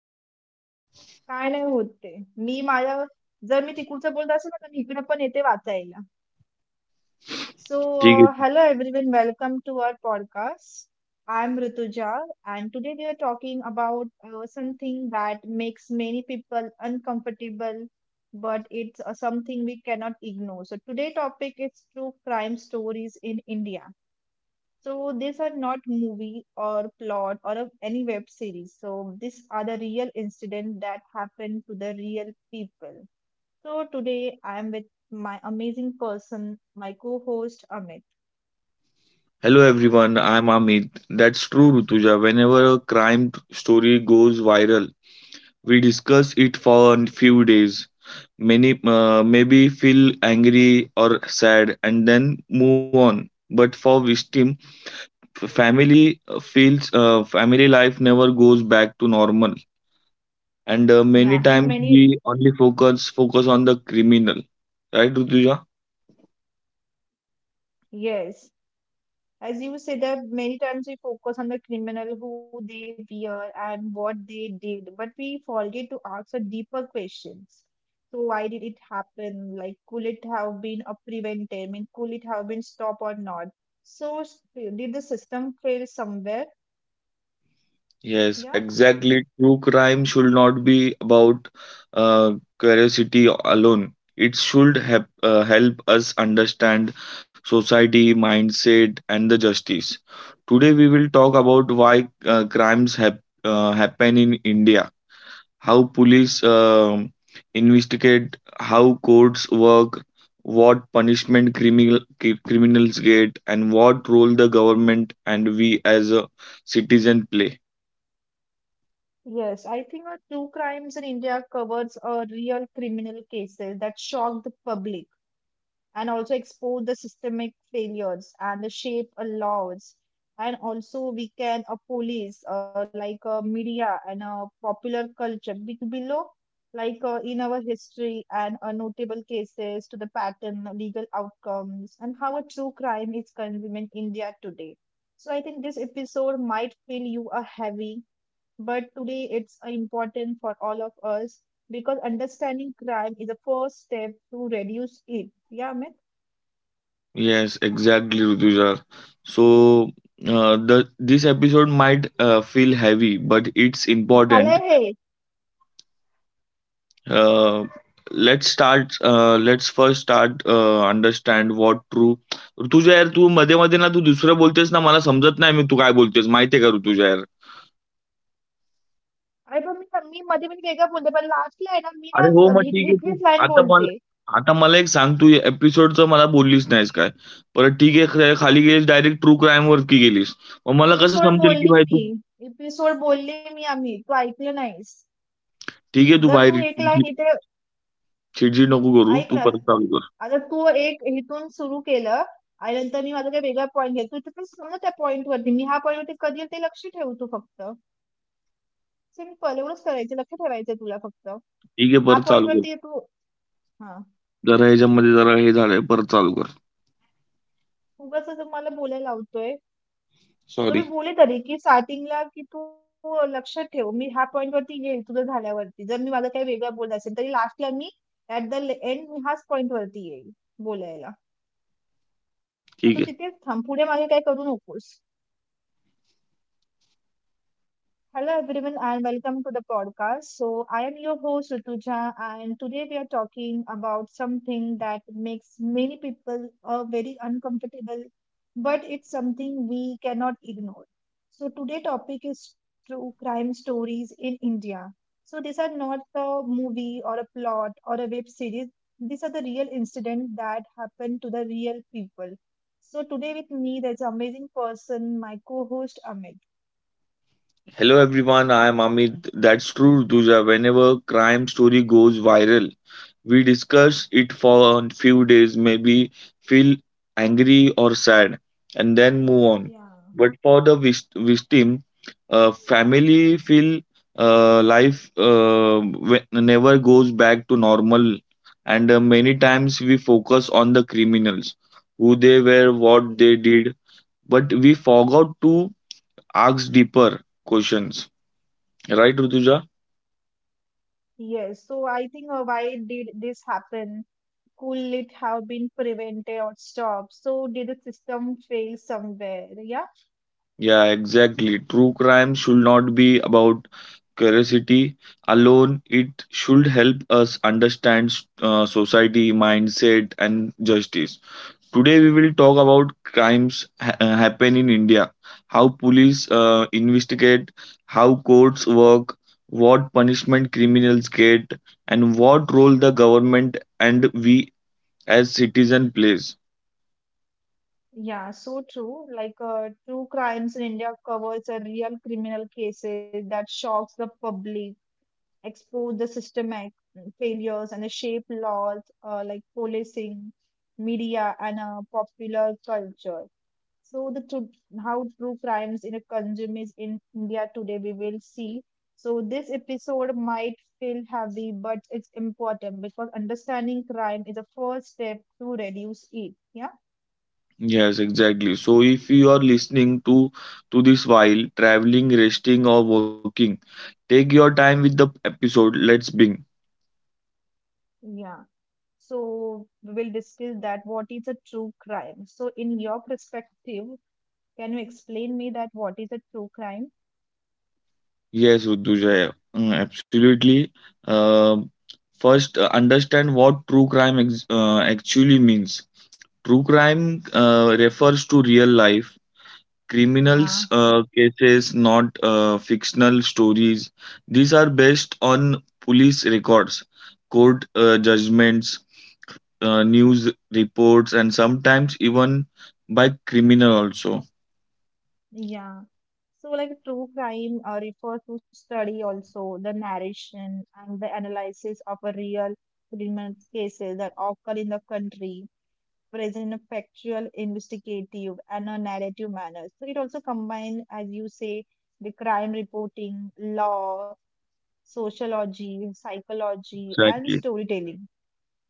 मला सांग? काय नाही होत ते. मी माझ्या जर मी तिकडचं बोलत असेल ना, तर मी इकडे पण येते वाचायला. सो ठीक आहे. Hello everyone, welcome to our podcast. I am Rituja, and today we are talking about something that makes many people uncomfortable, but it's something we cannot ignore. So today topic is true crime stories in India. So these are not movie or plot or of any web series. So these are the real incident that happened to the real people. So today I am with my amazing person, my co-host Amit. Hello everyone, I am Amit. That's true Rituja. Whenever a crime story goes viral, we discuss it for a few. Many maybe feel angry or sad, and then move on. But for Vishtim, family feels family life never goes back to normal, and many Yeah, and times we many only focus on the criminal, right, Rutuja? yes, as you say that many times we focus on the criminal who they were and what they did, but we forget to ask the deeper questions. So why did it happen? Like could it have been prevented? I mean, could it have been stopped or not? So did the system fail somewhere? Yes, Yeah. exactly. True crime should not be about curiosity alone. It should help us understand society, mindset, and the justice. Today, we will talk about why crimes happen in India, how police investigate, how courts work, what punishment criminals get, and what role the government and we as a citizen play. Yes, I think our true crimes in India covers a real criminal cases that shock the public and also expose the systemic failures and the shape of laws, and also we can police like media and popular culture below, like in our history and notable cases to the pattern legal outcomes and how a true crime is consumed in india today. So I think this episode might feel you a heavy but today it's important for all of us because understanding crime is the first step to reduce it. Yeah, Amit? Yes, exactly, Rutuja. So, the this episode might feel heavy, but it's झालंय important. Hey. Uh, let's start. Let's first start. Understand what true. Rutuja यार तू मध्ये मध्ये ना तू दुसरं बोलतेस ना मला समजत नाही मी तू काय बोलतेस माहितीये का ऋतुजा यार. अरे पण मी मध्ये मध्ये वेगळं बोलते पण लास्टला आहे ना मी अरे ना हो मग ठीक आहे तू. हिथलीच लाईन आता मला. बोलते. आता मला एक सांग तू एपिसोडचं मला बोललीस नाहीस काय? परत ठीक आहे खा- खाली गेलीस डायरेक्ट ट्रू क्राईम वरती गेलीस. मग मला कसं एपिसोड समजेल की बोलली भाई तू. मी. एपिसोड बोलली मी आम्ही तू ऐकलं नाहीस. ठीक आहे तू जर तू बाहेर. एक लाईन इथे चिडचिड नको करू. ऐक ना. तू परत चालू कर. आता तू एक इथून सुरू केलं आणि नंतर मी माझा काही वेगळा पॉईंट घेईल तू इथे पण समजा त्या पॉईंट वरती मी ह्या पॉईंट वरती कधी येईल ते लक्ष ठेव तू फक्त. सिम्पल एवढंच करायचं, लक्ष ठेवायचं तुला फक्त. ठीक आहे, हा परत पॉईंट चालू कर. वरती तू. हा. जरा ह्याच्यामध्ये जरा हे झालंय. परत चालू कर. उगाचच मला बोलायला लावतोय. तर सॉरी. मी बोलले तरी, की स्टार्टिंगला, की "तू लक्षात ठेव, मी ह्या पॉइंटवरती येईल तुझं झाल्यावरती." जर मी माझं काही वेगळं बोललं असेल, तरी लास्टला मी ॲट द एंड मी ह्याच पॉइंटवरती येईल बोलायला. ठीक आहे. मग तू तिथेच थांब, पुढे मागे काही करू नकोस. Hello everyone and welcome to the podcast. So I am your host Rutuja and today we are talking about something that makes many people very uncomfortable but it's something we cannot ignore. So today topic is true crime stories in India. So these are not a movie or a plot or a web series. These are the real incident that happened to the real people. So today with me there's an amazing person, my co-host Amit. Hello everyone. I am Amit. That's true तुझ्या whenever crime story goes viral. We discuss it for a few days, maybe feel angry or sad, and then move on. Yeah. But for the victim, family feel life never goes back to normal, and many times we focus on the criminals, who they were, what they did, but we forgot to ask deeper questions. Right, Rutuja? Yes, so I think why did this happen? Could it have been prevented or stopped? So did the system fail somewhere? Yeah, Yeah, exactly. True crime should not be about curiosity alone. It should help us understand society, mindset, and justice. Today, we will talk about crimes happen in India, how police investigate, how courts work, what punishment criminals get, and what role the government and we as citizen plays. yeah, so true. Like true crimes in India covers a real criminal cases that shocks the public, expose the systemic failures and the shape laws like policing, media, and popular culture. So the true, how true crimes in a consume is in India today we will see. So this episode might feel heavy, but it's important because understanding crime is a first step to reduce it. Yeah, Yes, exactly. So if you are listening to this while traveling, resting or working, take your time with the episode. Let's bing. yeah. So we will discuss that what is a true crime. So in your perspective, can you explain me that what is a true crime? Yes, Rutuja, mm, absolutely. Um First, understand what true crime actually means. True crime refers to real life Yeah. criminals cases, not fictional stories. These are based on police records, court judgments, news reports and sometimes even by criminal also. Yeah. So, like true crime refers to study also the narration and the analysis of a real criminal cases that occur in the country, present in a factual, investigative, and a narrative manner. So, it also combines, as you say, the crime reporting, law, sociology, psychology, and Exactly. storytelling.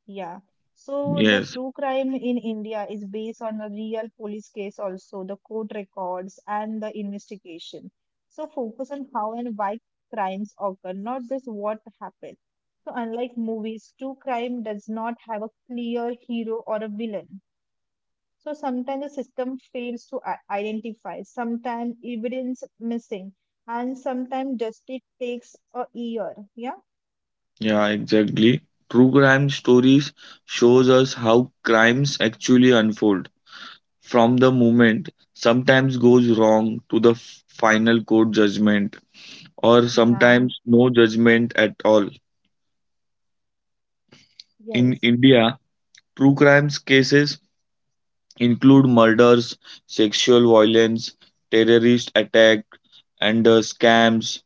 Yeah. So the Yes. true crime in India is based on a real police case, also the court records and the investigation. So focus on how and why crimes occur, not just what happened. So unlike movies, true crime does not have a clear hero or a villain. So sometimes the system fails to identify, sometimes evidence missing, and sometimes justice takes a year. Yeah. Yeah, exactly. True crime stories shows us how crimes actually unfold from the moment sometimes goes wrong to the final court judgment or Yeah. sometimes no judgment at all. In Yes. India true crimes cases include murders, sexual violence, terrorist attack, and scams,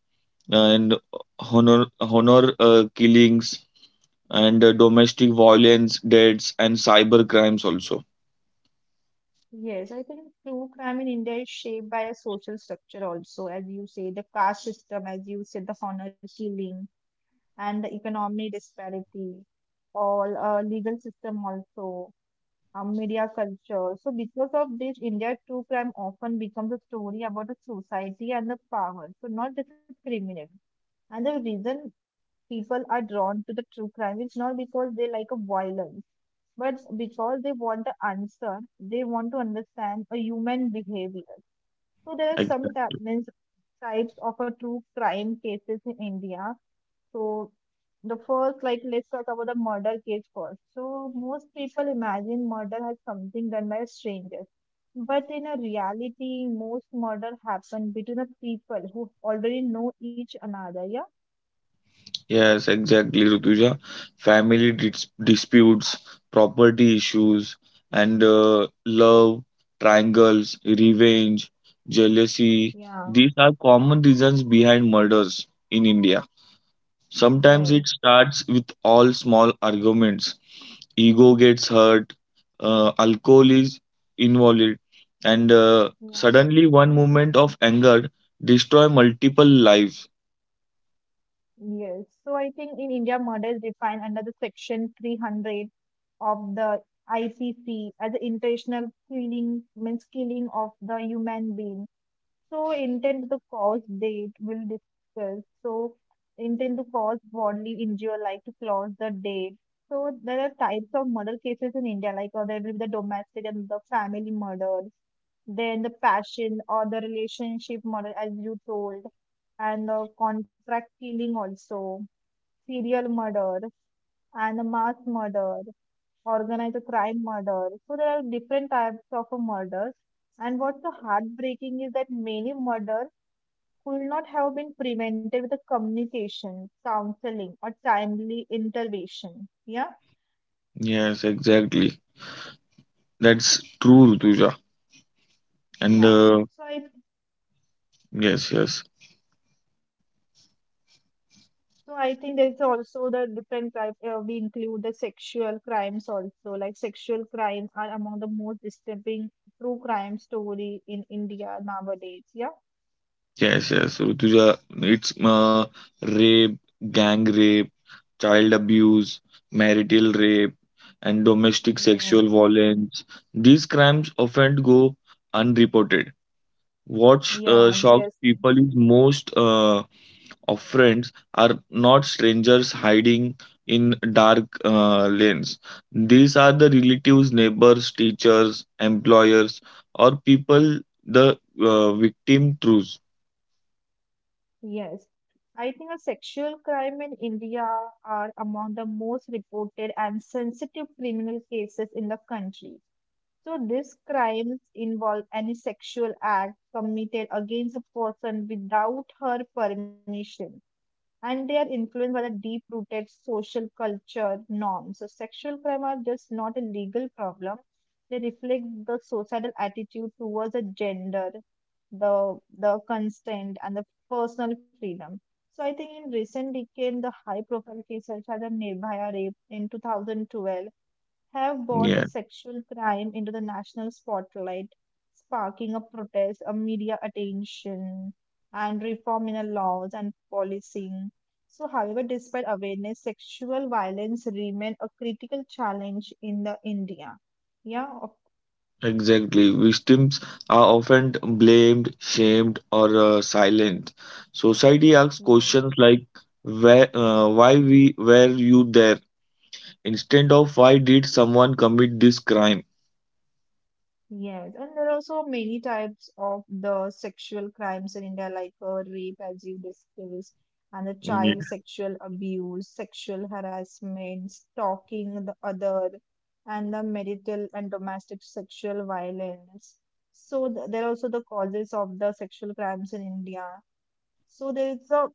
and honor killings, and domestic violence deaths and cyber crimes also. Yes, I think true crime in India is shaped by a social structure also, as you say, the caste system, as you said, the honor killing and the economic disparity, all legal system also, media culture. So because of this, India true crime often becomes a story about a society and the power, so not just a criminal. And the reason people are drawn to the true crime it's not because they like a violence but because they want the answer, they want to understand a human behavior. So there are some Exact- means types of a true crime cases in india. So the first, like let's talk about the murder case first. So most people imagine murder as something done by strangers but in a reality most murder happen between the people who already know each another. Yeah, yes, exactly, Rutuja. Family disputes, property issues, and love triangles, revenge, jealousy, yeah, these are common reasons behind murders in India. Sometimes yes. it starts with all small arguments. Ego gets hurt, alcohol is involved, and Yeah, suddenly one moment of anger destroy multiple lives. yes. So I think in India, murder is defined under the section 300 of the ICC as an intentional killing, means killing of the human being. So intent to cause date will discuss. So intent to cause bodily injury, like to cause the date. So there are types of murder cases in India, like or there will be the domestic and the family murders, then the passion or the relationship murder, as you told, and the contract killing also, serial murder and mass murder, organized crime murder. So there are different types of murders. And what's so heartbreaking is that many murders could not have been prevented with the communication, counseling, or timely intervention. Yeah, Yes, exactly. That's true, Rutuja. And yeah. So I yes, yes, so I think there is also the different type. We include the sexual crimes also, like sexual crimes are among the most disturbing true crime story in India nowadays. Yeah. yes, yes, Rutuja. It's rape, gang rape, child abuse, marital rape, and domestic sexual Yes, violence. These crimes often go unreported. What yeah, shocks obviously. people is most of friends are not strangers hiding in dark lanes. These are the relatives, neighbors, teachers, employers, or people the victim trues. Yes. I think a sexual crime in India are among the most reported and sensitive criminal cases in the country. So these crimes involve any sexual act committed against a person without her permission and they are influenced by the deep rooted social culture norms. So, sexual crime are just not a legal problem, they reflect the societal attitude towards the gender, the consent, and the personal freedom. So, I think in recent decade, the high profile cases such as the Nirbhaya rape in 2012 have Yeah. brought a sexual crime into the national spotlight, sparking a protest, a media attention, and reform in the laws and policing. So, however, despite awareness, sexual violence remain a critical challenge in the India. Yeah, of, Exactly. Victims are often blamed, shamed, or silent. Society asks yeah. questions like where, why we were you there instead of why did someone commit this crime? Yes, and there are also many types of the sexual crimes in India, like rape, as you discussed, and the child Ye- sexual abuse, sexual harassment, stalking the other, and the marital and domestic sexual violence. So th there are also the causes of the sexual crimes in India. So there is a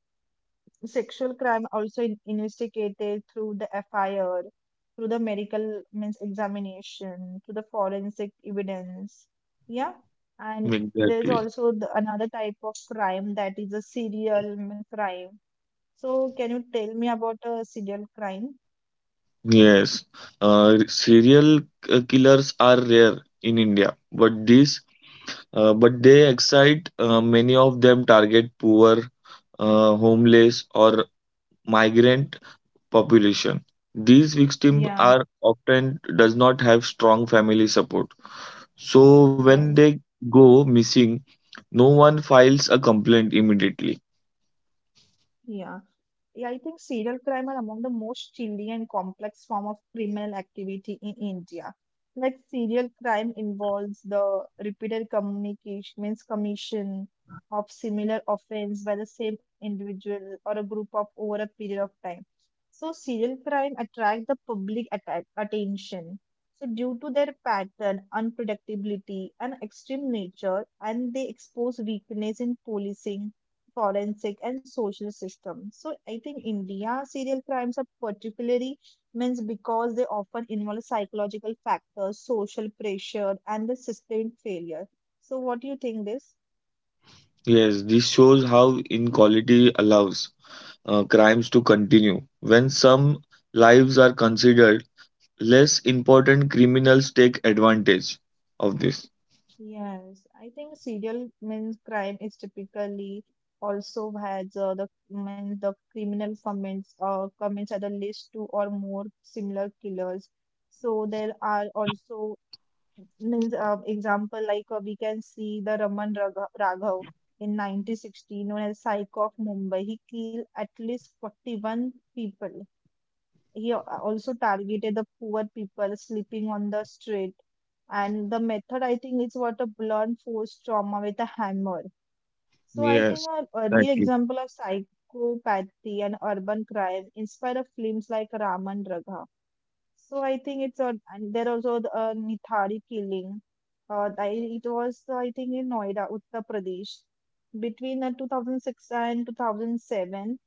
sexual crime also investigated through the FIR, through the medical means examination, through the forensic evidence. Yeah, and there's exactly. also the, another type of crime that is a serial crime. So, can you tell me about a serial crime? Yes. Serial killers are rare in India, but this but they excite. Many of them target poor, homeless, or migrant population. These victims Yeah. are often does not have strong family support. So when Yes. they go missing, no one files a complaint immediately. Yeah. Yeah, I think serial crime are among the most chilly and complex form of criminal activity in India. Like serial crime involves the repeated communication means commission of similar offense by the same individual or a group of over a period of time. So serial crime attract the public attention. So due to their pattern, unpredictability, and extreme nature, and they expose weakness in policing, forensic, and social systems. So I think India serial crimes are particularly means because they often involve psychological factors, social pressure, and the sustained failure. So what do you think this? Yes, this shows how inequality allows crimes to continue. When some lives are considered less important, criminals take advantage of this. Yes, I think serial means crime is typically also has the means the criminal commits at the least two or more similar killers. So there are also means example like we can see the Raghav in 1960 known as Psycho of Mumbai. He killed at least 41 people, he also targeted the poor people sleeping on the street. And the method, I think, is what a blunt force trauma with a hammer. So I think Yes, an early exactly. example of psychopathy and urban crime inspired of films like Raman Ragha. So I think it's a and there also the Nithari killing. Uh, I, it was I think in Noida, Uttar Pradesh, between 2006 and 2007.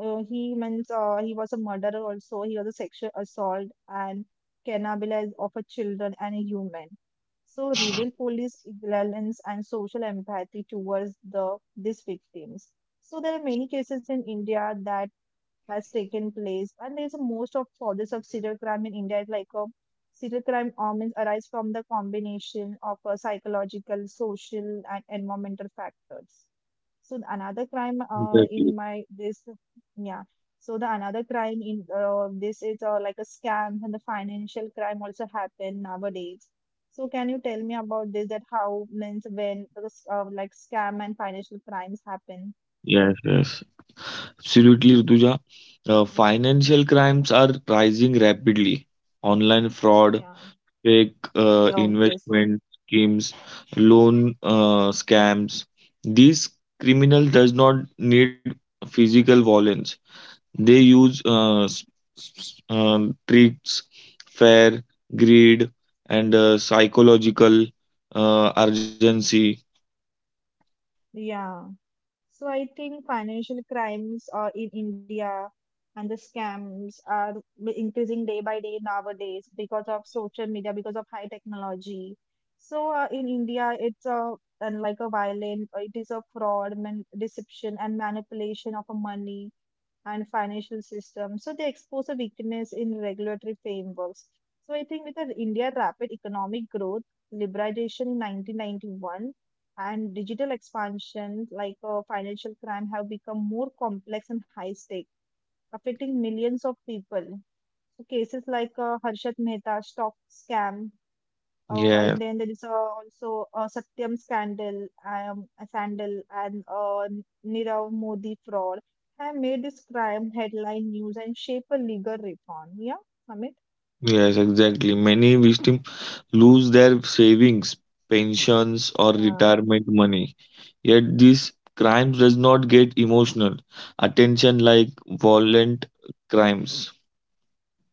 He means he was a murderer also. He was a sexual assault and cannibalized of a children and a human. So reveal police ignorance and social empathy towards the these victims. So there are many cases in India that has taken place, and there's a most of causes of serial crime in India, like a serial crime omens arise from the combination of psychological, social, and environmental factors. So the another crime in Exactly. my this yeah. So the another crime in this is like a scam and the financial crime also happen nowadays. So can you tell me about this? That how means when those, like scam and financial crimes happen? Yes, yes. Absolutely, Rutuja. Financial crimes are rising rapidly. Online fraud, Yeah, fake yeah, obviously. investment schemes, loan scams. These criminals does not need physical violence. They use tricks, fear, greed, and psychological urgency. Yeah. So I think financial crimes in India and the scams are increasing day by day nowadays because of social media, because of high technology. So in India, it's a and like a violent, it is a fraud, man- deception, and manipulation of a money and financial system. So they expose a weakness in regulatory frameworks. So I think with the India rapid economic growth, liberalization in 1991 and digital expansion like financial crime have become more complex and high stake affecting millions of people. So cases like Harshat Mehta stock scam, oh, Yes. and then there is also a Satyam scandal, scandal, and Nirav Modi fraud have made this crime headline news and shape a legal reform. Yeah, Amit. Yes, exactly. Many victims lose their savings, pensions, or Yeah. retirement money. Yet these crimes does not get emotional attention like violent crimes.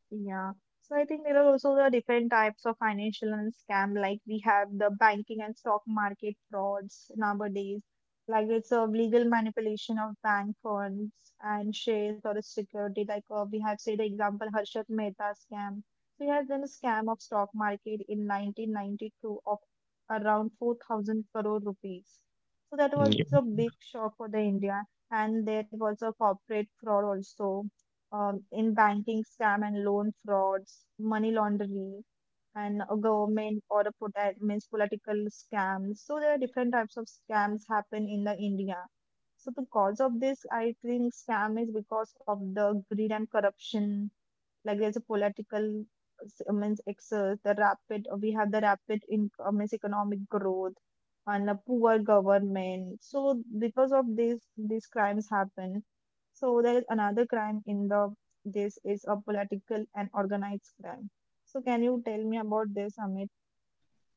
Yeah. So I think there are also the different types of financial and scam. Like we have the banking and stock market frauds nowadays. Like it's a legal manipulation of bank funds and shares or a security. Like we have say the example Harshad Mehta scam. So he has done a scam of stock market in 1992 of around 4,000 crore rupees. So that was Yeah. a big shock for the India. And there was a corporate fraud also in banking scam and loan frauds, money laundering, and a government or a polit- means political scam. So there are different types of scams happen in the India. So because of this, I think scam is because of the greed and corruption, like there's a political s- means ex the rapid we have the rapid in means economic growth and a poor government. So because of this, these crimes happen. So there is another crime in the this is a political and organized crime. So can you tell me about this, Amit?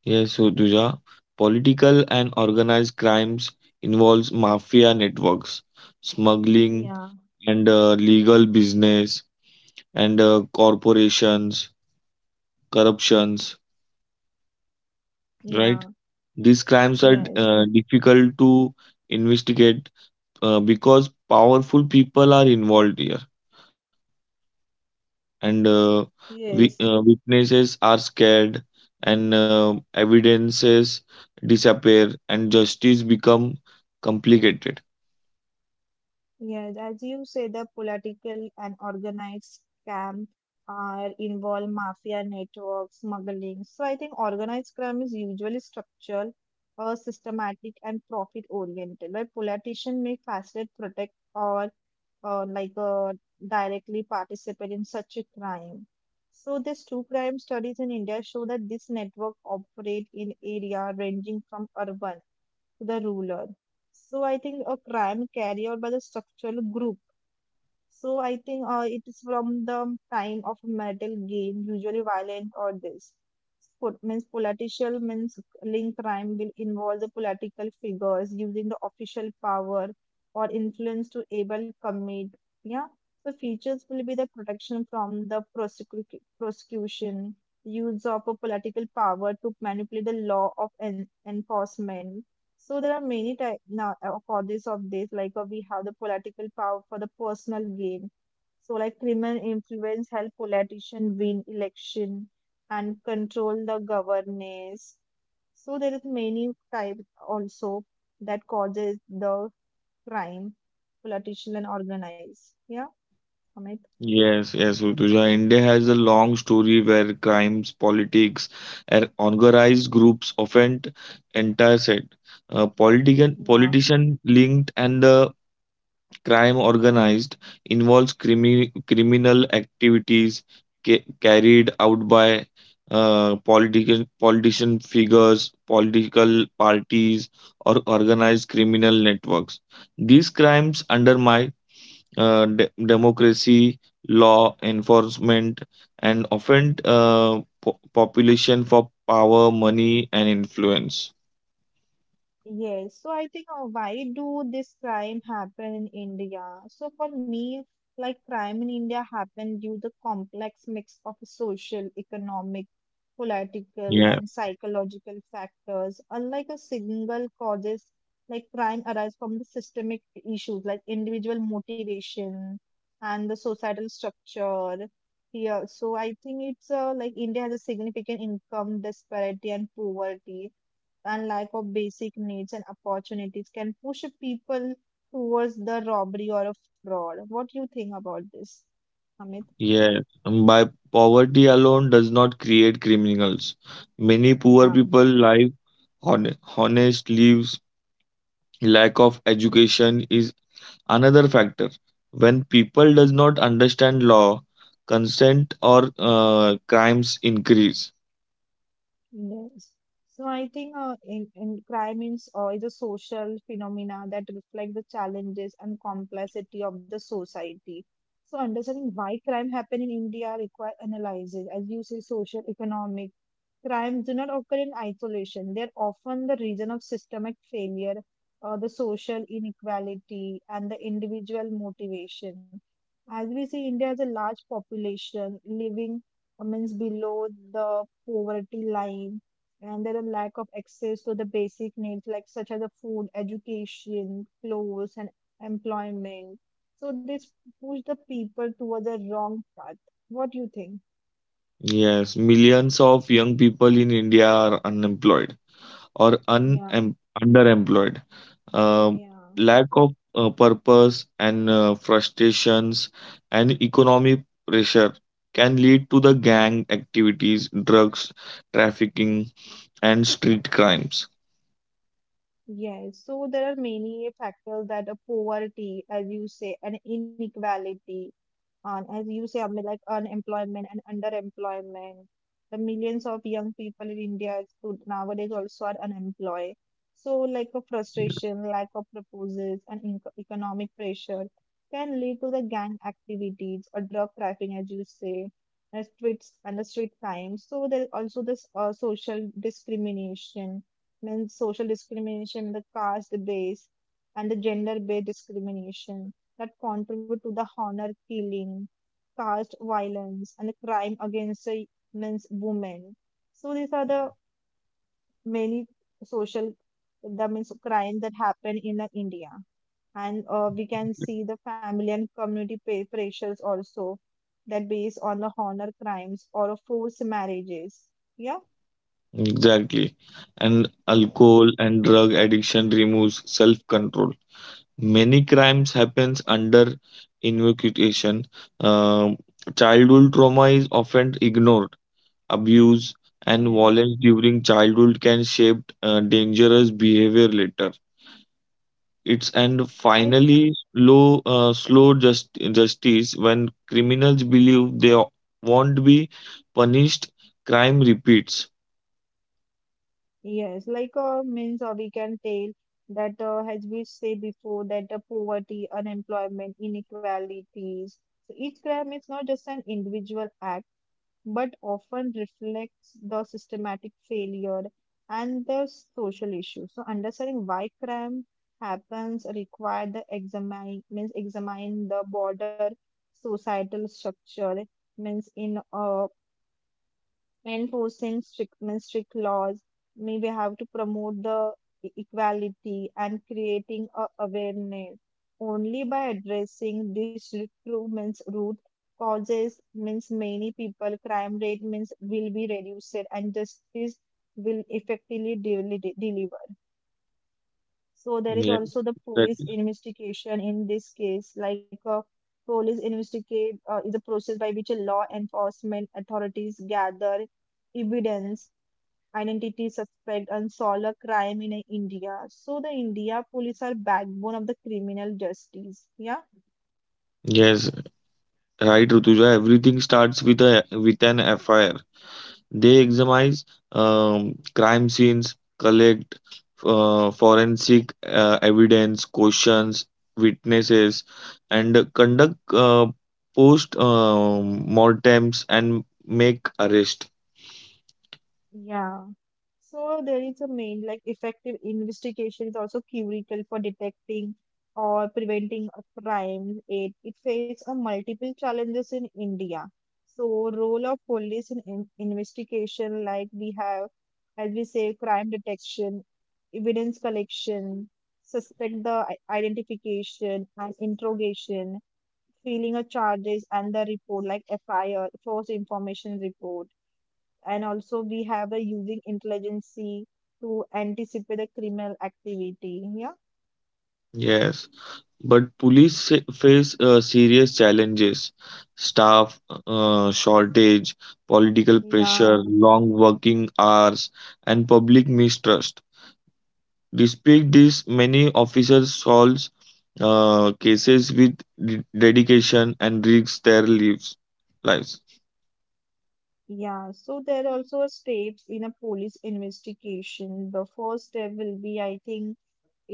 Yes, so Tuja, political and organized crimes involves mafia networks, smuggling, Yeah, and legal business, and corporations, corruptions. Right? yeah, These crimes are yes, difficult to investigate because powerful people are involved here and yes. Witnesses are scared and evidences disappear and justice become complicated. Yes, as you say, the political and organized scam are involve mafia networks, smuggling. So I think organized crime is usually structural, or systematic, and profit oriented. Like politicians may facilitate, protect, or like directly participate in such a crime. So these two crime studies in India show that this network operate in area ranging from urban to the rural. So I think a crime carried out by the structural group. So I think it is from the time of metal game, usually violent or this. Pol- means political means link crime will involve the political figures using the official power or influence to able commit. Yeah. The features will be the protection from the prosecu- prosecution, use of a political power to manipulate the law of en- enforcement. So there are many type now causes of this. Like we have the political power for the personal gain. So like criminal influence help politician win election and control the governance. So there is many type also that causes the crime, politician and organized. Yeah, Amit. Yes, yes, Rutuja. India has a long story where crimes, politics and organized groups offend entire set, uh, politician Yeah. politician linked, and the crime organized involves criminal activities carried out by political politician figures, political parties, or organized criminal networks. These crimes undermine democracy, law enforcement, and often population for power, money, and influence. Yes, so I think why do this crime happen in India? So for me, like crime in India happened due to the complex mix of social, economic, political, and Yeah. psychological factors. Unlike a single causes, like crime arises from the systemic issues like individual motivation and the societal structure. Yeah, so I think it's like India has a significant income disparity and poverty and lack of basic needs and opportunities can push people towards the robbery or a fraud. What do you think about this, Amit? Yeah, by poverty alone does not create criminals. Many poor Yeah. people live honest lives. Lack of education is another factor. When people does not understand law, consent or crimes increase. Yes. So I think in crime is a social phenomena that reflect the challenges and complexity of the society. So understanding why crime happen in India require analysis. As you say, social, economic, crimes do not occur in isolation. They're often the reason of systemic failure, the social inequality, and the individual motivation. As we see, India has a large population living means below the poverty line, and there are lack of access to the basic needs like such as the food, education, clothes, and employment. So this push the people towards the wrong path. What do you think? Yes, millions of young people in India are unemployed, or Yeah, underemployed. Um, yeah. Lack of purpose and frustrations and economic pressure can lead to the gang activities, drugs, trafficking, and street crimes. Yes, so there are many factors that a poverty, as you say, and inequality, and as you say, I mean, like unemployment and underemployment. The millions of young people in India to- nowadays also are unemployed. So, like a frustration, lack of proposals, and inco- economic pressure can lead to the gang activities or drug trafficking, as you say, and streets and the street crime. So, there is also this social discrimination, the caste based and the gender based discrimination that contribute to the honor killing, caste violence, and the crime against the means women. So these are the many social that means crime that happen in India and we can see the family and community pay pressures also that based on the honor crimes or forced marriages. Yeah. Exactly. And Yes. alcohol and drug addiction removes self-control. Many crimes happens under invocation. Um Childhood trauma is often ignored, abuse, and Yes. violence during childhood can shape dangerous behavior later. It's and So I, finally slow, uh, slow justice. When criminals believe they won't be punished, crime repeats. yes, like means we can tell that as we say before that poverty, unemployment, inequalities. So each crime is not just an individual act, but often reflects the systematic failure and the social issue. So understanding why crime happens require the examine means examine the broader societal structure means in enforcing strict I mean strict laws maybe have to promote the e- equality and creating a awareness. Only by addressing this true means root causes means many people crime rate means will be reduced and justice will effectively deli- deliver. So there is Yes, also the that- police investigation in this case, like a police investigate is a process by which a law enforcement authorities gather evidence, identity suspect, and solve a crime in India. So the India police are backbone of the criminal justice. Yeah. yes, right, Rutuja. Everything starts with a with an FIR. They examine crime scenes, collect uh, forensic evidence, questions witnesses, and conduct post mortems and make arrest. Yeah. So there is a main like effective investigation is also critical for detecting or preventing a crime. It faces a multiple challenges in India. So role of police in investigation, like we have, as we say, crime detection, evidence collection, suspect the I- identification and interrogation, filing a charges and the report like FIR, false information report, and also we have a using intelligence to anticipate a criminal activity. Yeah, Yes, but police face serious challenges: staff shortage, political pressure, yeah, long working hours, and public mistrust. Despite this, many officers solve cases with dedication and risk their lives. Lives. yeah. So there are also steps in a police investigation. The first step will be, I think,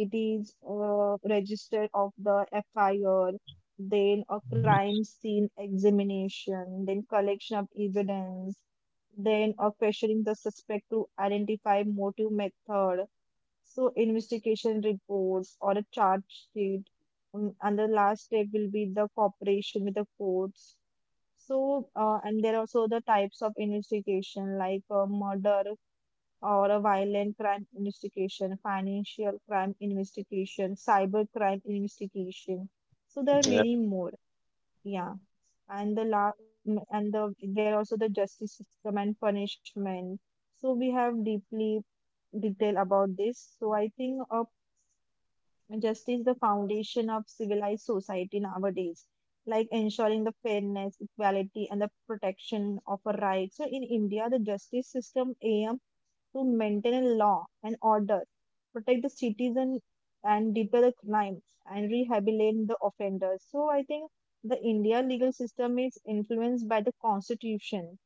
it is register of the FIR, then a crime scene examination, then collection of evidence, then a questioning the suspect to identify motive method. So investigation report or a chart sheet, and the last step will be the cooperation with the courts. So, and there are also the types of investigation like a murder or a violent crime investigation, financial crime investigation, cyber crime investigation. So there are Yeah. many more. Yeah, and the la m- and the there are also the justice system and punishment. So we have deeply detail about this. So I think a justice is the foundation of civilized society nowadays, like ensuring the fairness, equality, and the protection of a right. So in India, the justice system aims to maintain a law and order, protect the citizen and deter the crime and rehabilitate the offenders. So I think the India legal system is influenced by the constitution,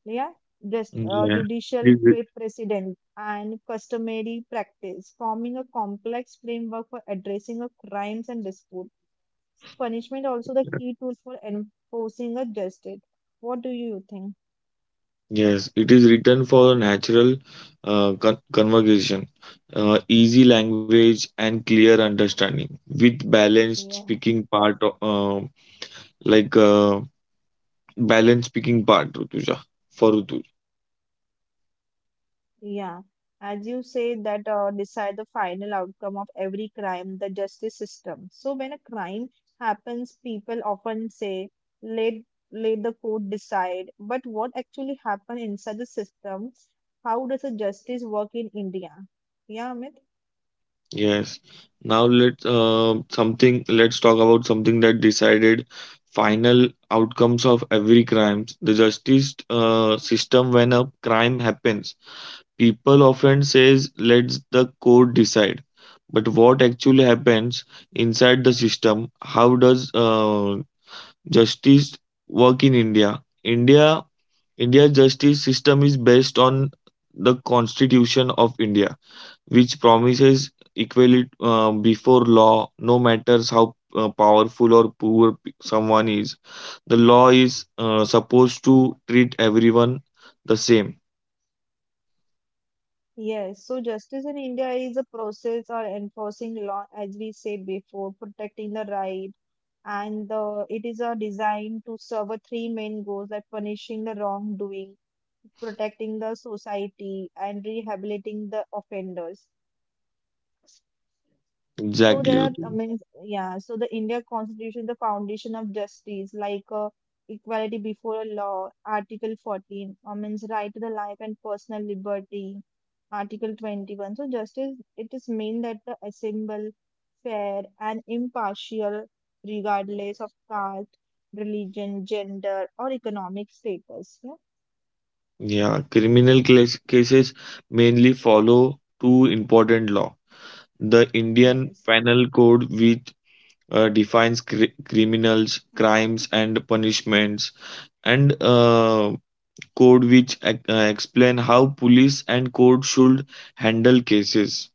yeah, just Yeah. judicial It is writ- pre- precedent and customary practice forming a complex framework for addressing a crimes and dispute. Punishment also the key tool for enforcing a justice. What do you think? yes, it is written for natural conversation, easy language, and clear understanding with balanced Yeah. speaking part, o- like uh, balanced speaking part, Rutuja, for Rutuja. Yeah, as you say, that decide the final outcome of every crime, the justice system. So when a crime happens, people often say, let, let the court decide. But what actually happened inside the system? How does the justice work in India? Yeah, Amit? Yes. Now let's something let's talk about something that decided final outcomes of every crimes. The justice system when a crime happens, people often says let's the court decide. But what actually happens inside the system? How does justice work in India? India's justice system is based on the Constitution of India which promises equality before law, no matters how powerful or poor someone is. The law is supposed to treat everyone the same. Yes, so justice in India is a process or enforcing law, as we said before, protecting the right, and it is a design to serve a 3 main goals like punishing the wrongdoing, protecting the society, and rehabilitating the offenders. So Exactly, there are, I Ritu. mean, yeah, so the India Constitution, is the foundation of justice, like equality before law, Article 14, I means right to the life and personal liberty, Article 21. So justice, it is mean that the assemble fair and impartial regardless of caste, religion, gender, or economic status. Yeah? Yeah, criminal cases mainly follow two important law. The Indian Yes. Penal Code, which defines criminals, crimes, and punishments, and code which explain how police and court should handle cases.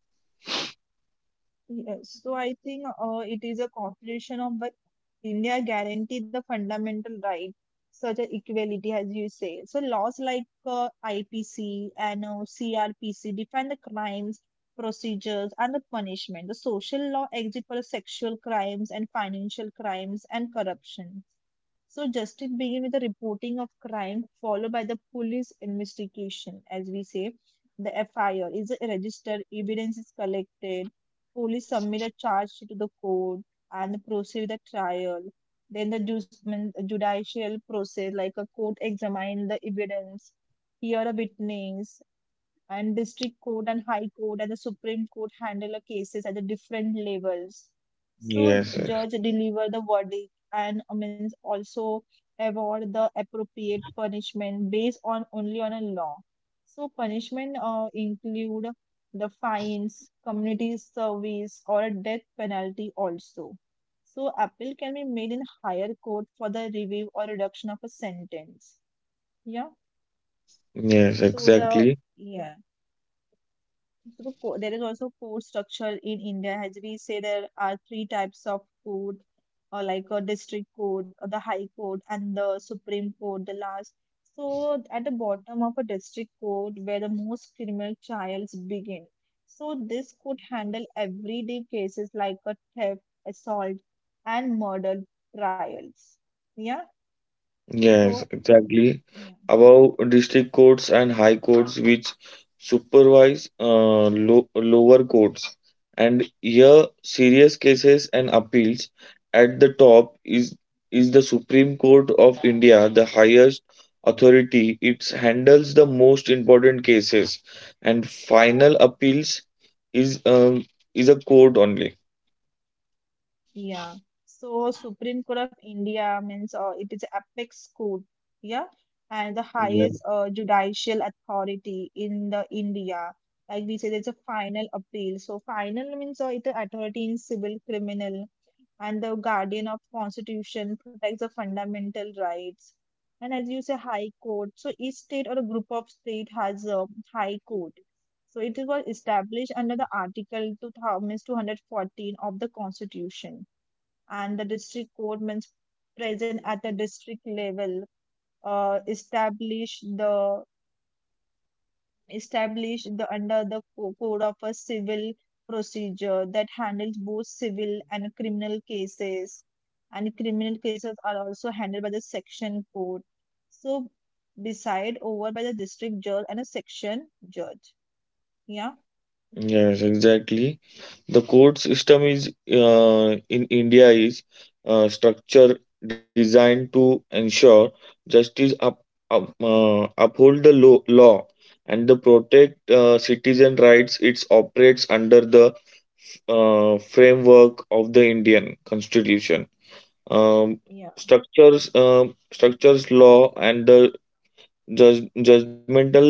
Yes, so I think it is a corporation of what India guarantee the fundamental right, such as equality, as you say. So laws like IPC and CRPC define the crimes, procedures, and the punishment. The social law exists for sexual crimes and financial crimes and corruption. So justice begins with the reporting of crime, followed by the police investigation, as we say. The FIR is registered, evidence is collected, police submit a charge sheet to the court and proceed with the trial. Then the judicial process, like a court examine the evidence, hear a witness, and district court and high court and the supreme court handle the cases at the different levels. So Yes, yes, judge deliver the verdict and I means also award the appropriate punishment based on only on a law. So punishment include the fines community service or a death penalty also. So appeal can be made in higher court for the review or reduction of a sentence. Yeah. yes, so exactly. the Yeah. So there is also food structure in India. As we say, there are three types of court, or like a district court, or the high court, and the supreme court, the last. So at the bottom of a district court, where the most criminal trials begin. So this could handle everyday cases like a theft, assault, and murder trials. Yeah. Yes, So exactly. yeah. Above district courts and high courts, which supervise lo lower courts, and here serious cases and appeals. At the top is the Supreme Court of India, the highest authority. It handles the most important cases, and final appeals is um, is a court only. Yeah. So Supreme Court of India means it is apex court, yeah, and the Yeah. highest judicial authority in the India. Like we say, there's a final appeal. So final means it authority in civil, criminal, and the guardian of constitution protects the fundamental rights. And as you say, high court. So each state or a group of state has a high court. So it was established under the Article 2,214 of the Constitution and the district court means present at the district level establish the establish under the code of a civil procedure that handles both civil and criminal cases are also handled by the section court so beside over by the district judge and a section judge. Yeah. Yes, exactly. The court system is in India is structure designed to ensure justice, uphold the law, and the protect citizen rights. It operates under the framework of the Indian Constitution. Um, Yeah. Structures, law and the judgmental.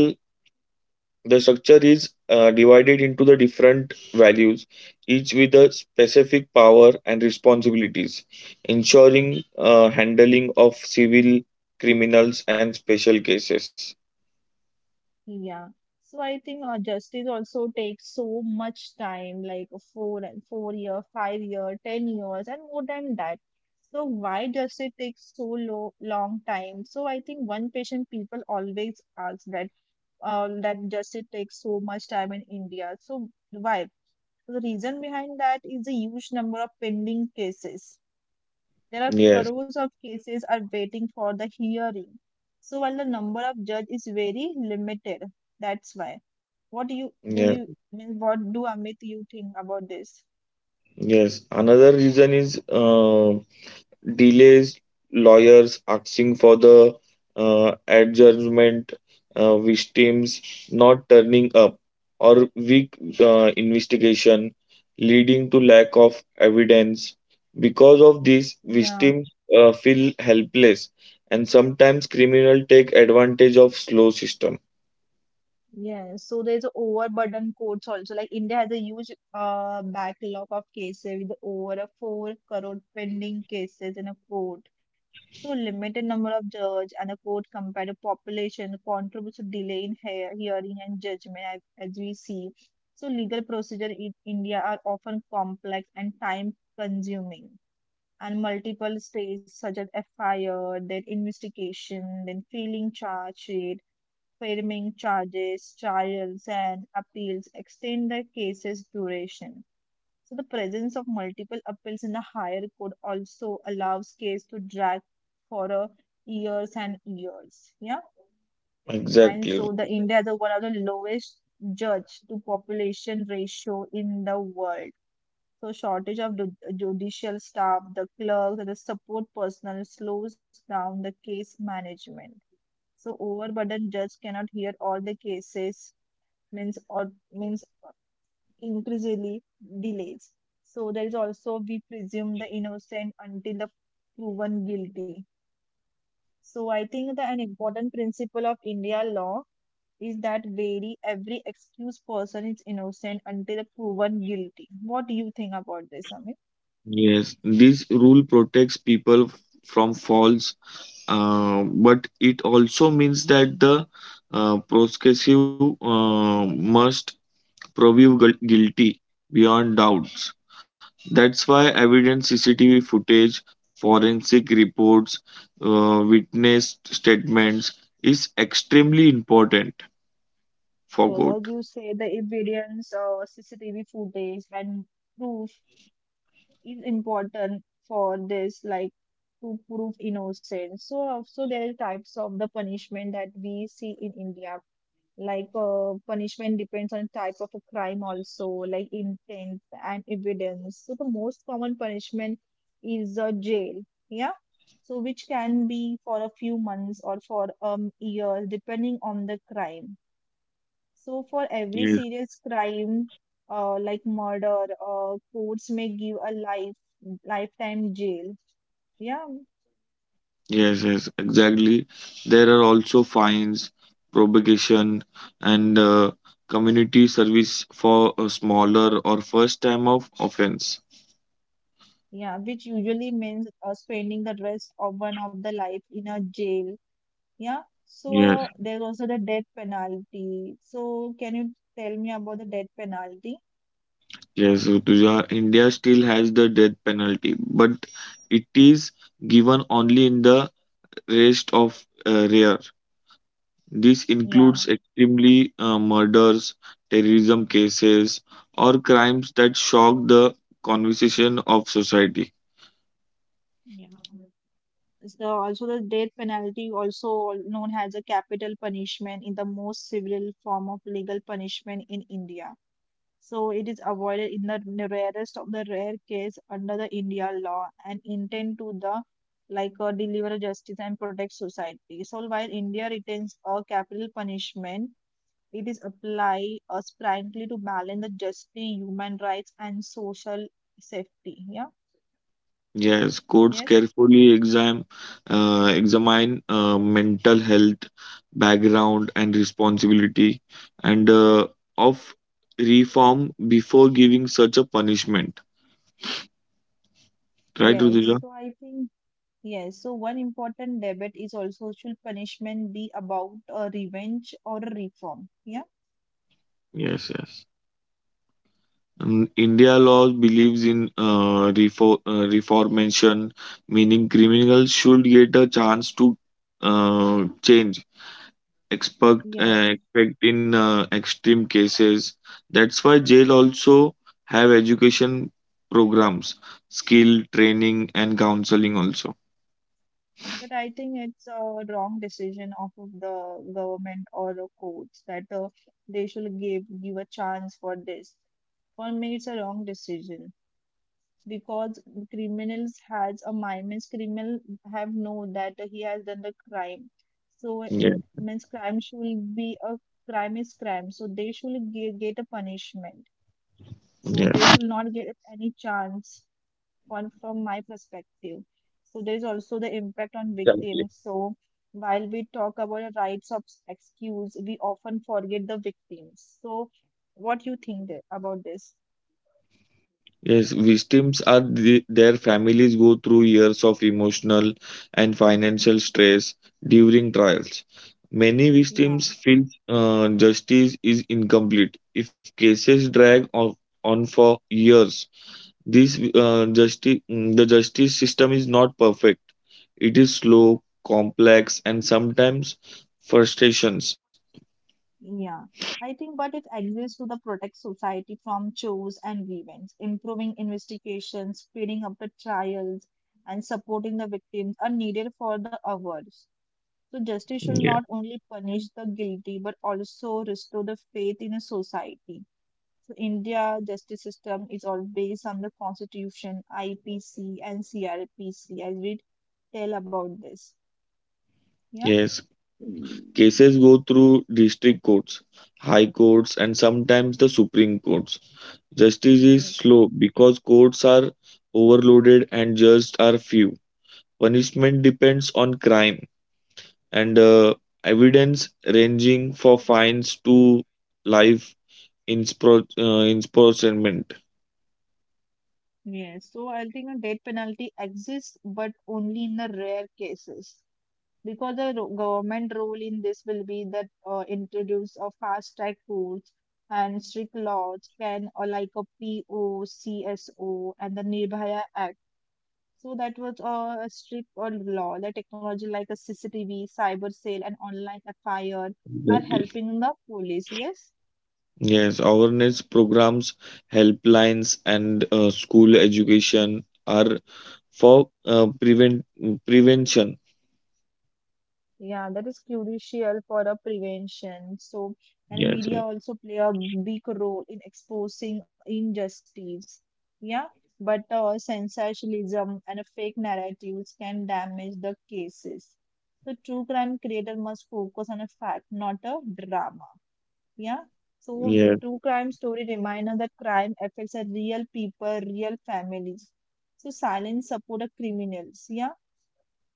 The structure is divided into the different values, each with a specific power and responsibilities, ensuring handling of civil, criminals, and special cases. Yeah. So I think justice also takes so much time, like 4 and 4 year, 5 year, 10 years, and more than that. So why justice takes so lo long time? So I think one patient people always ask that justice takes so much time in India. So why? So, the reason behind that is the huge number of pending cases. There are Yes, crores of cases are waiting for the hearing. So while the number of judge is very limited, that's why yeah, what do Amit you think about this? yes. Another reason is delays, lawyers asking for the adjournment, victims not turning up, or weak investigation leading to lack of evidence. Because of this, Yeah, victims feel helpless, and sometimes criminals take advantage of slow system. yeah. So there's overburden courts also. Like India has a huge backlog of cases with over a 4 crore pending cases in a court. So limited number of judge and a court compared to population contributes to delay in hearing and judgment as we see. So legal procedure in India are often complex and time consuming. And multiple stages such as FIR, then investigation, then filing charge sheet, framing charges, trials, and appeals extend the case's duration. So the presence of multiple appeals in a higher court also allows case to drag for years and years. Yeah, and Exactly. so the India is one of the lowest judge to population ratio in the world. So shortage of judicial staff, the clerks, and the support personnel slows down the case management. So overburdened judge cannot hear all the cases means or means increasingly delays. So there is also we presume the innocent until the proven guilty. So I think that an important principle of India law is that very every excused person is innocent until proven guilty. What do you think about this, Amit? Yes, this rule protects people from false. But it also means that the prosecution must prove guilty beyond doubts. That's why evidence, CCTV footage, forensic reports, witness statements is extremely important for Yes, court. as you say, the evidence or CCTV footage and proof is important for this, like to prove innocence. So also there are types of the punishment that we see in India. Like punishment depends on type of a crime also, like intent and evidence. So the most common punishment is jail. Yeah. So which can be for a few months or for years depending on the crime. So, for every Yes, serious crime, like murder, courts may give a lifetime jail. Yeah, yes, yes, exactly. There are also fines, probation, and community service for a smaller or first time of offense. yeah, which usually means spending the rest of one of the life in a jail. Yeah. So Yes, there's also the death penalty. So can you tell me about the death penalty? yes, Rutuja. India still has the death penalty, but it is given only in the rest of rare. This Yeah, includes extremely murders, terrorism cases, or crimes that shock the conversation of society. yeah. It's also the death penalty, also known as a capital punishment, in the most severe form of legal punishment in India. So it is avoided in the rarest of the rare case under the India law and intend to the like deliver justice and protect society. So while India retains a capital punishment, it is applied sprightly to balance the justice, human rights, and social safety. Yeah. Yes, courts Yes. carefully examine mental health, background, and responsibility, and of reform before giving such a punishment. Right, Rutuja? Yes. So I think yes. So one important debate is also should punishment be about a revenge or a reform? Yeah. Yes, yes. India law believes in uh, reformation, meaning criminals should get a chance to change, Yeah. Expect in extreme cases. That's why jail also have education programs, skill training, and counseling also. But I think it's a wrong decision of the government or the courts that they should give a chance for this. For me, it's a wrong decision because criminals has a mind. Means criminal have know that he has done the crime, so it Yeah, means crime should be a crime is crime. So they should get a punishment. So they yeah, should not get any chance one from my perspective. So there is also the impact on exactly. victims. So while we talk about the rights of excuse, we often forget the victims. So what you think there about this? Yes, victims are the, their families go through years of emotional and financial stress during trials. Many Yeah. victims feel justice is incomplete if cases drag on for years. The justice system is not perfect. It is slow, complex, and sometimes frustrations. Yeah, I think, but it exists to the protect society from chores and grievance, improving investigations, speeding up the trials, and supporting the victims are needed for the others. So justice should Yeah. not only punish the guilty but also restore the faith in a society. So India justice system is all based on the constitution, IPC and CRPC. I will tell about this. Yeah. Yes, cases go through district courts, high courts, and sometimes the supreme courts. Justice is Yes. slow because courts are overloaded and judges are few. Punishment depends on crime and evidence ranging for fines to life imprisonment. Yes. So I think a death penalty exists, but only in the rare cases. Because the government role in this will be that introduce a fast track courts and strict laws can or like a POCSO and the Nirbhaya Act. So that was a strict on law. The technology like a CCTV, cyber sale, and online fire are Exactly. helping the police. Yes, Yes, awareness programs, helplines, and school education are for prevention. yeah, that is crucial for a prevention. So and Yes, media also play a big role in exposing injustice. Yeah, but sensationalism and fake narratives can damage the cases. The true crime creator must focus on a fact, not a drama. Yeah. So the yes, true crime story reminder that crime affects a real people, real families. So silence support of criminals. Yeah.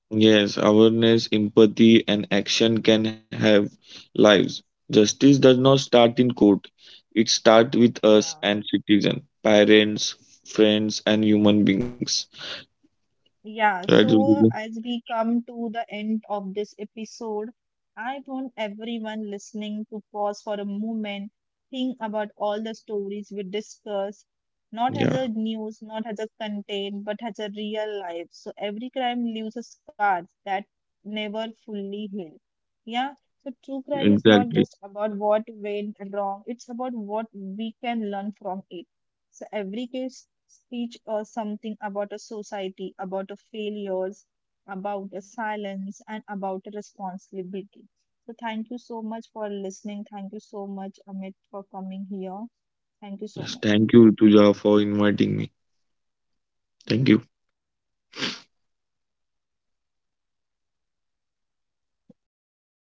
yes. Awareness, empathy, and action can have lives. Justice does not start in court; it starts with us Yeah. and citizen, parents, friends, and human beings. Right, Yeah, Rutuja? so as we come to the end of this episode, I want everyone listening to pause for a moment, think about all the stories we discuss, not Yeah, as a news, not as a content, but as a real life. So every crime leaves a scar that never fully healed. Yeah, so true crime is exactly. not just about what went wrong, it's about what we can learn from it. So every case teach us something about a society, about a failures, about a silence, and about a responsibility. So thank you so much for listening. Thank you so much, Amit, for coming here. Thank you Yes, so thank much. you, Rutuja, for inviting me. Thank Yeah. you.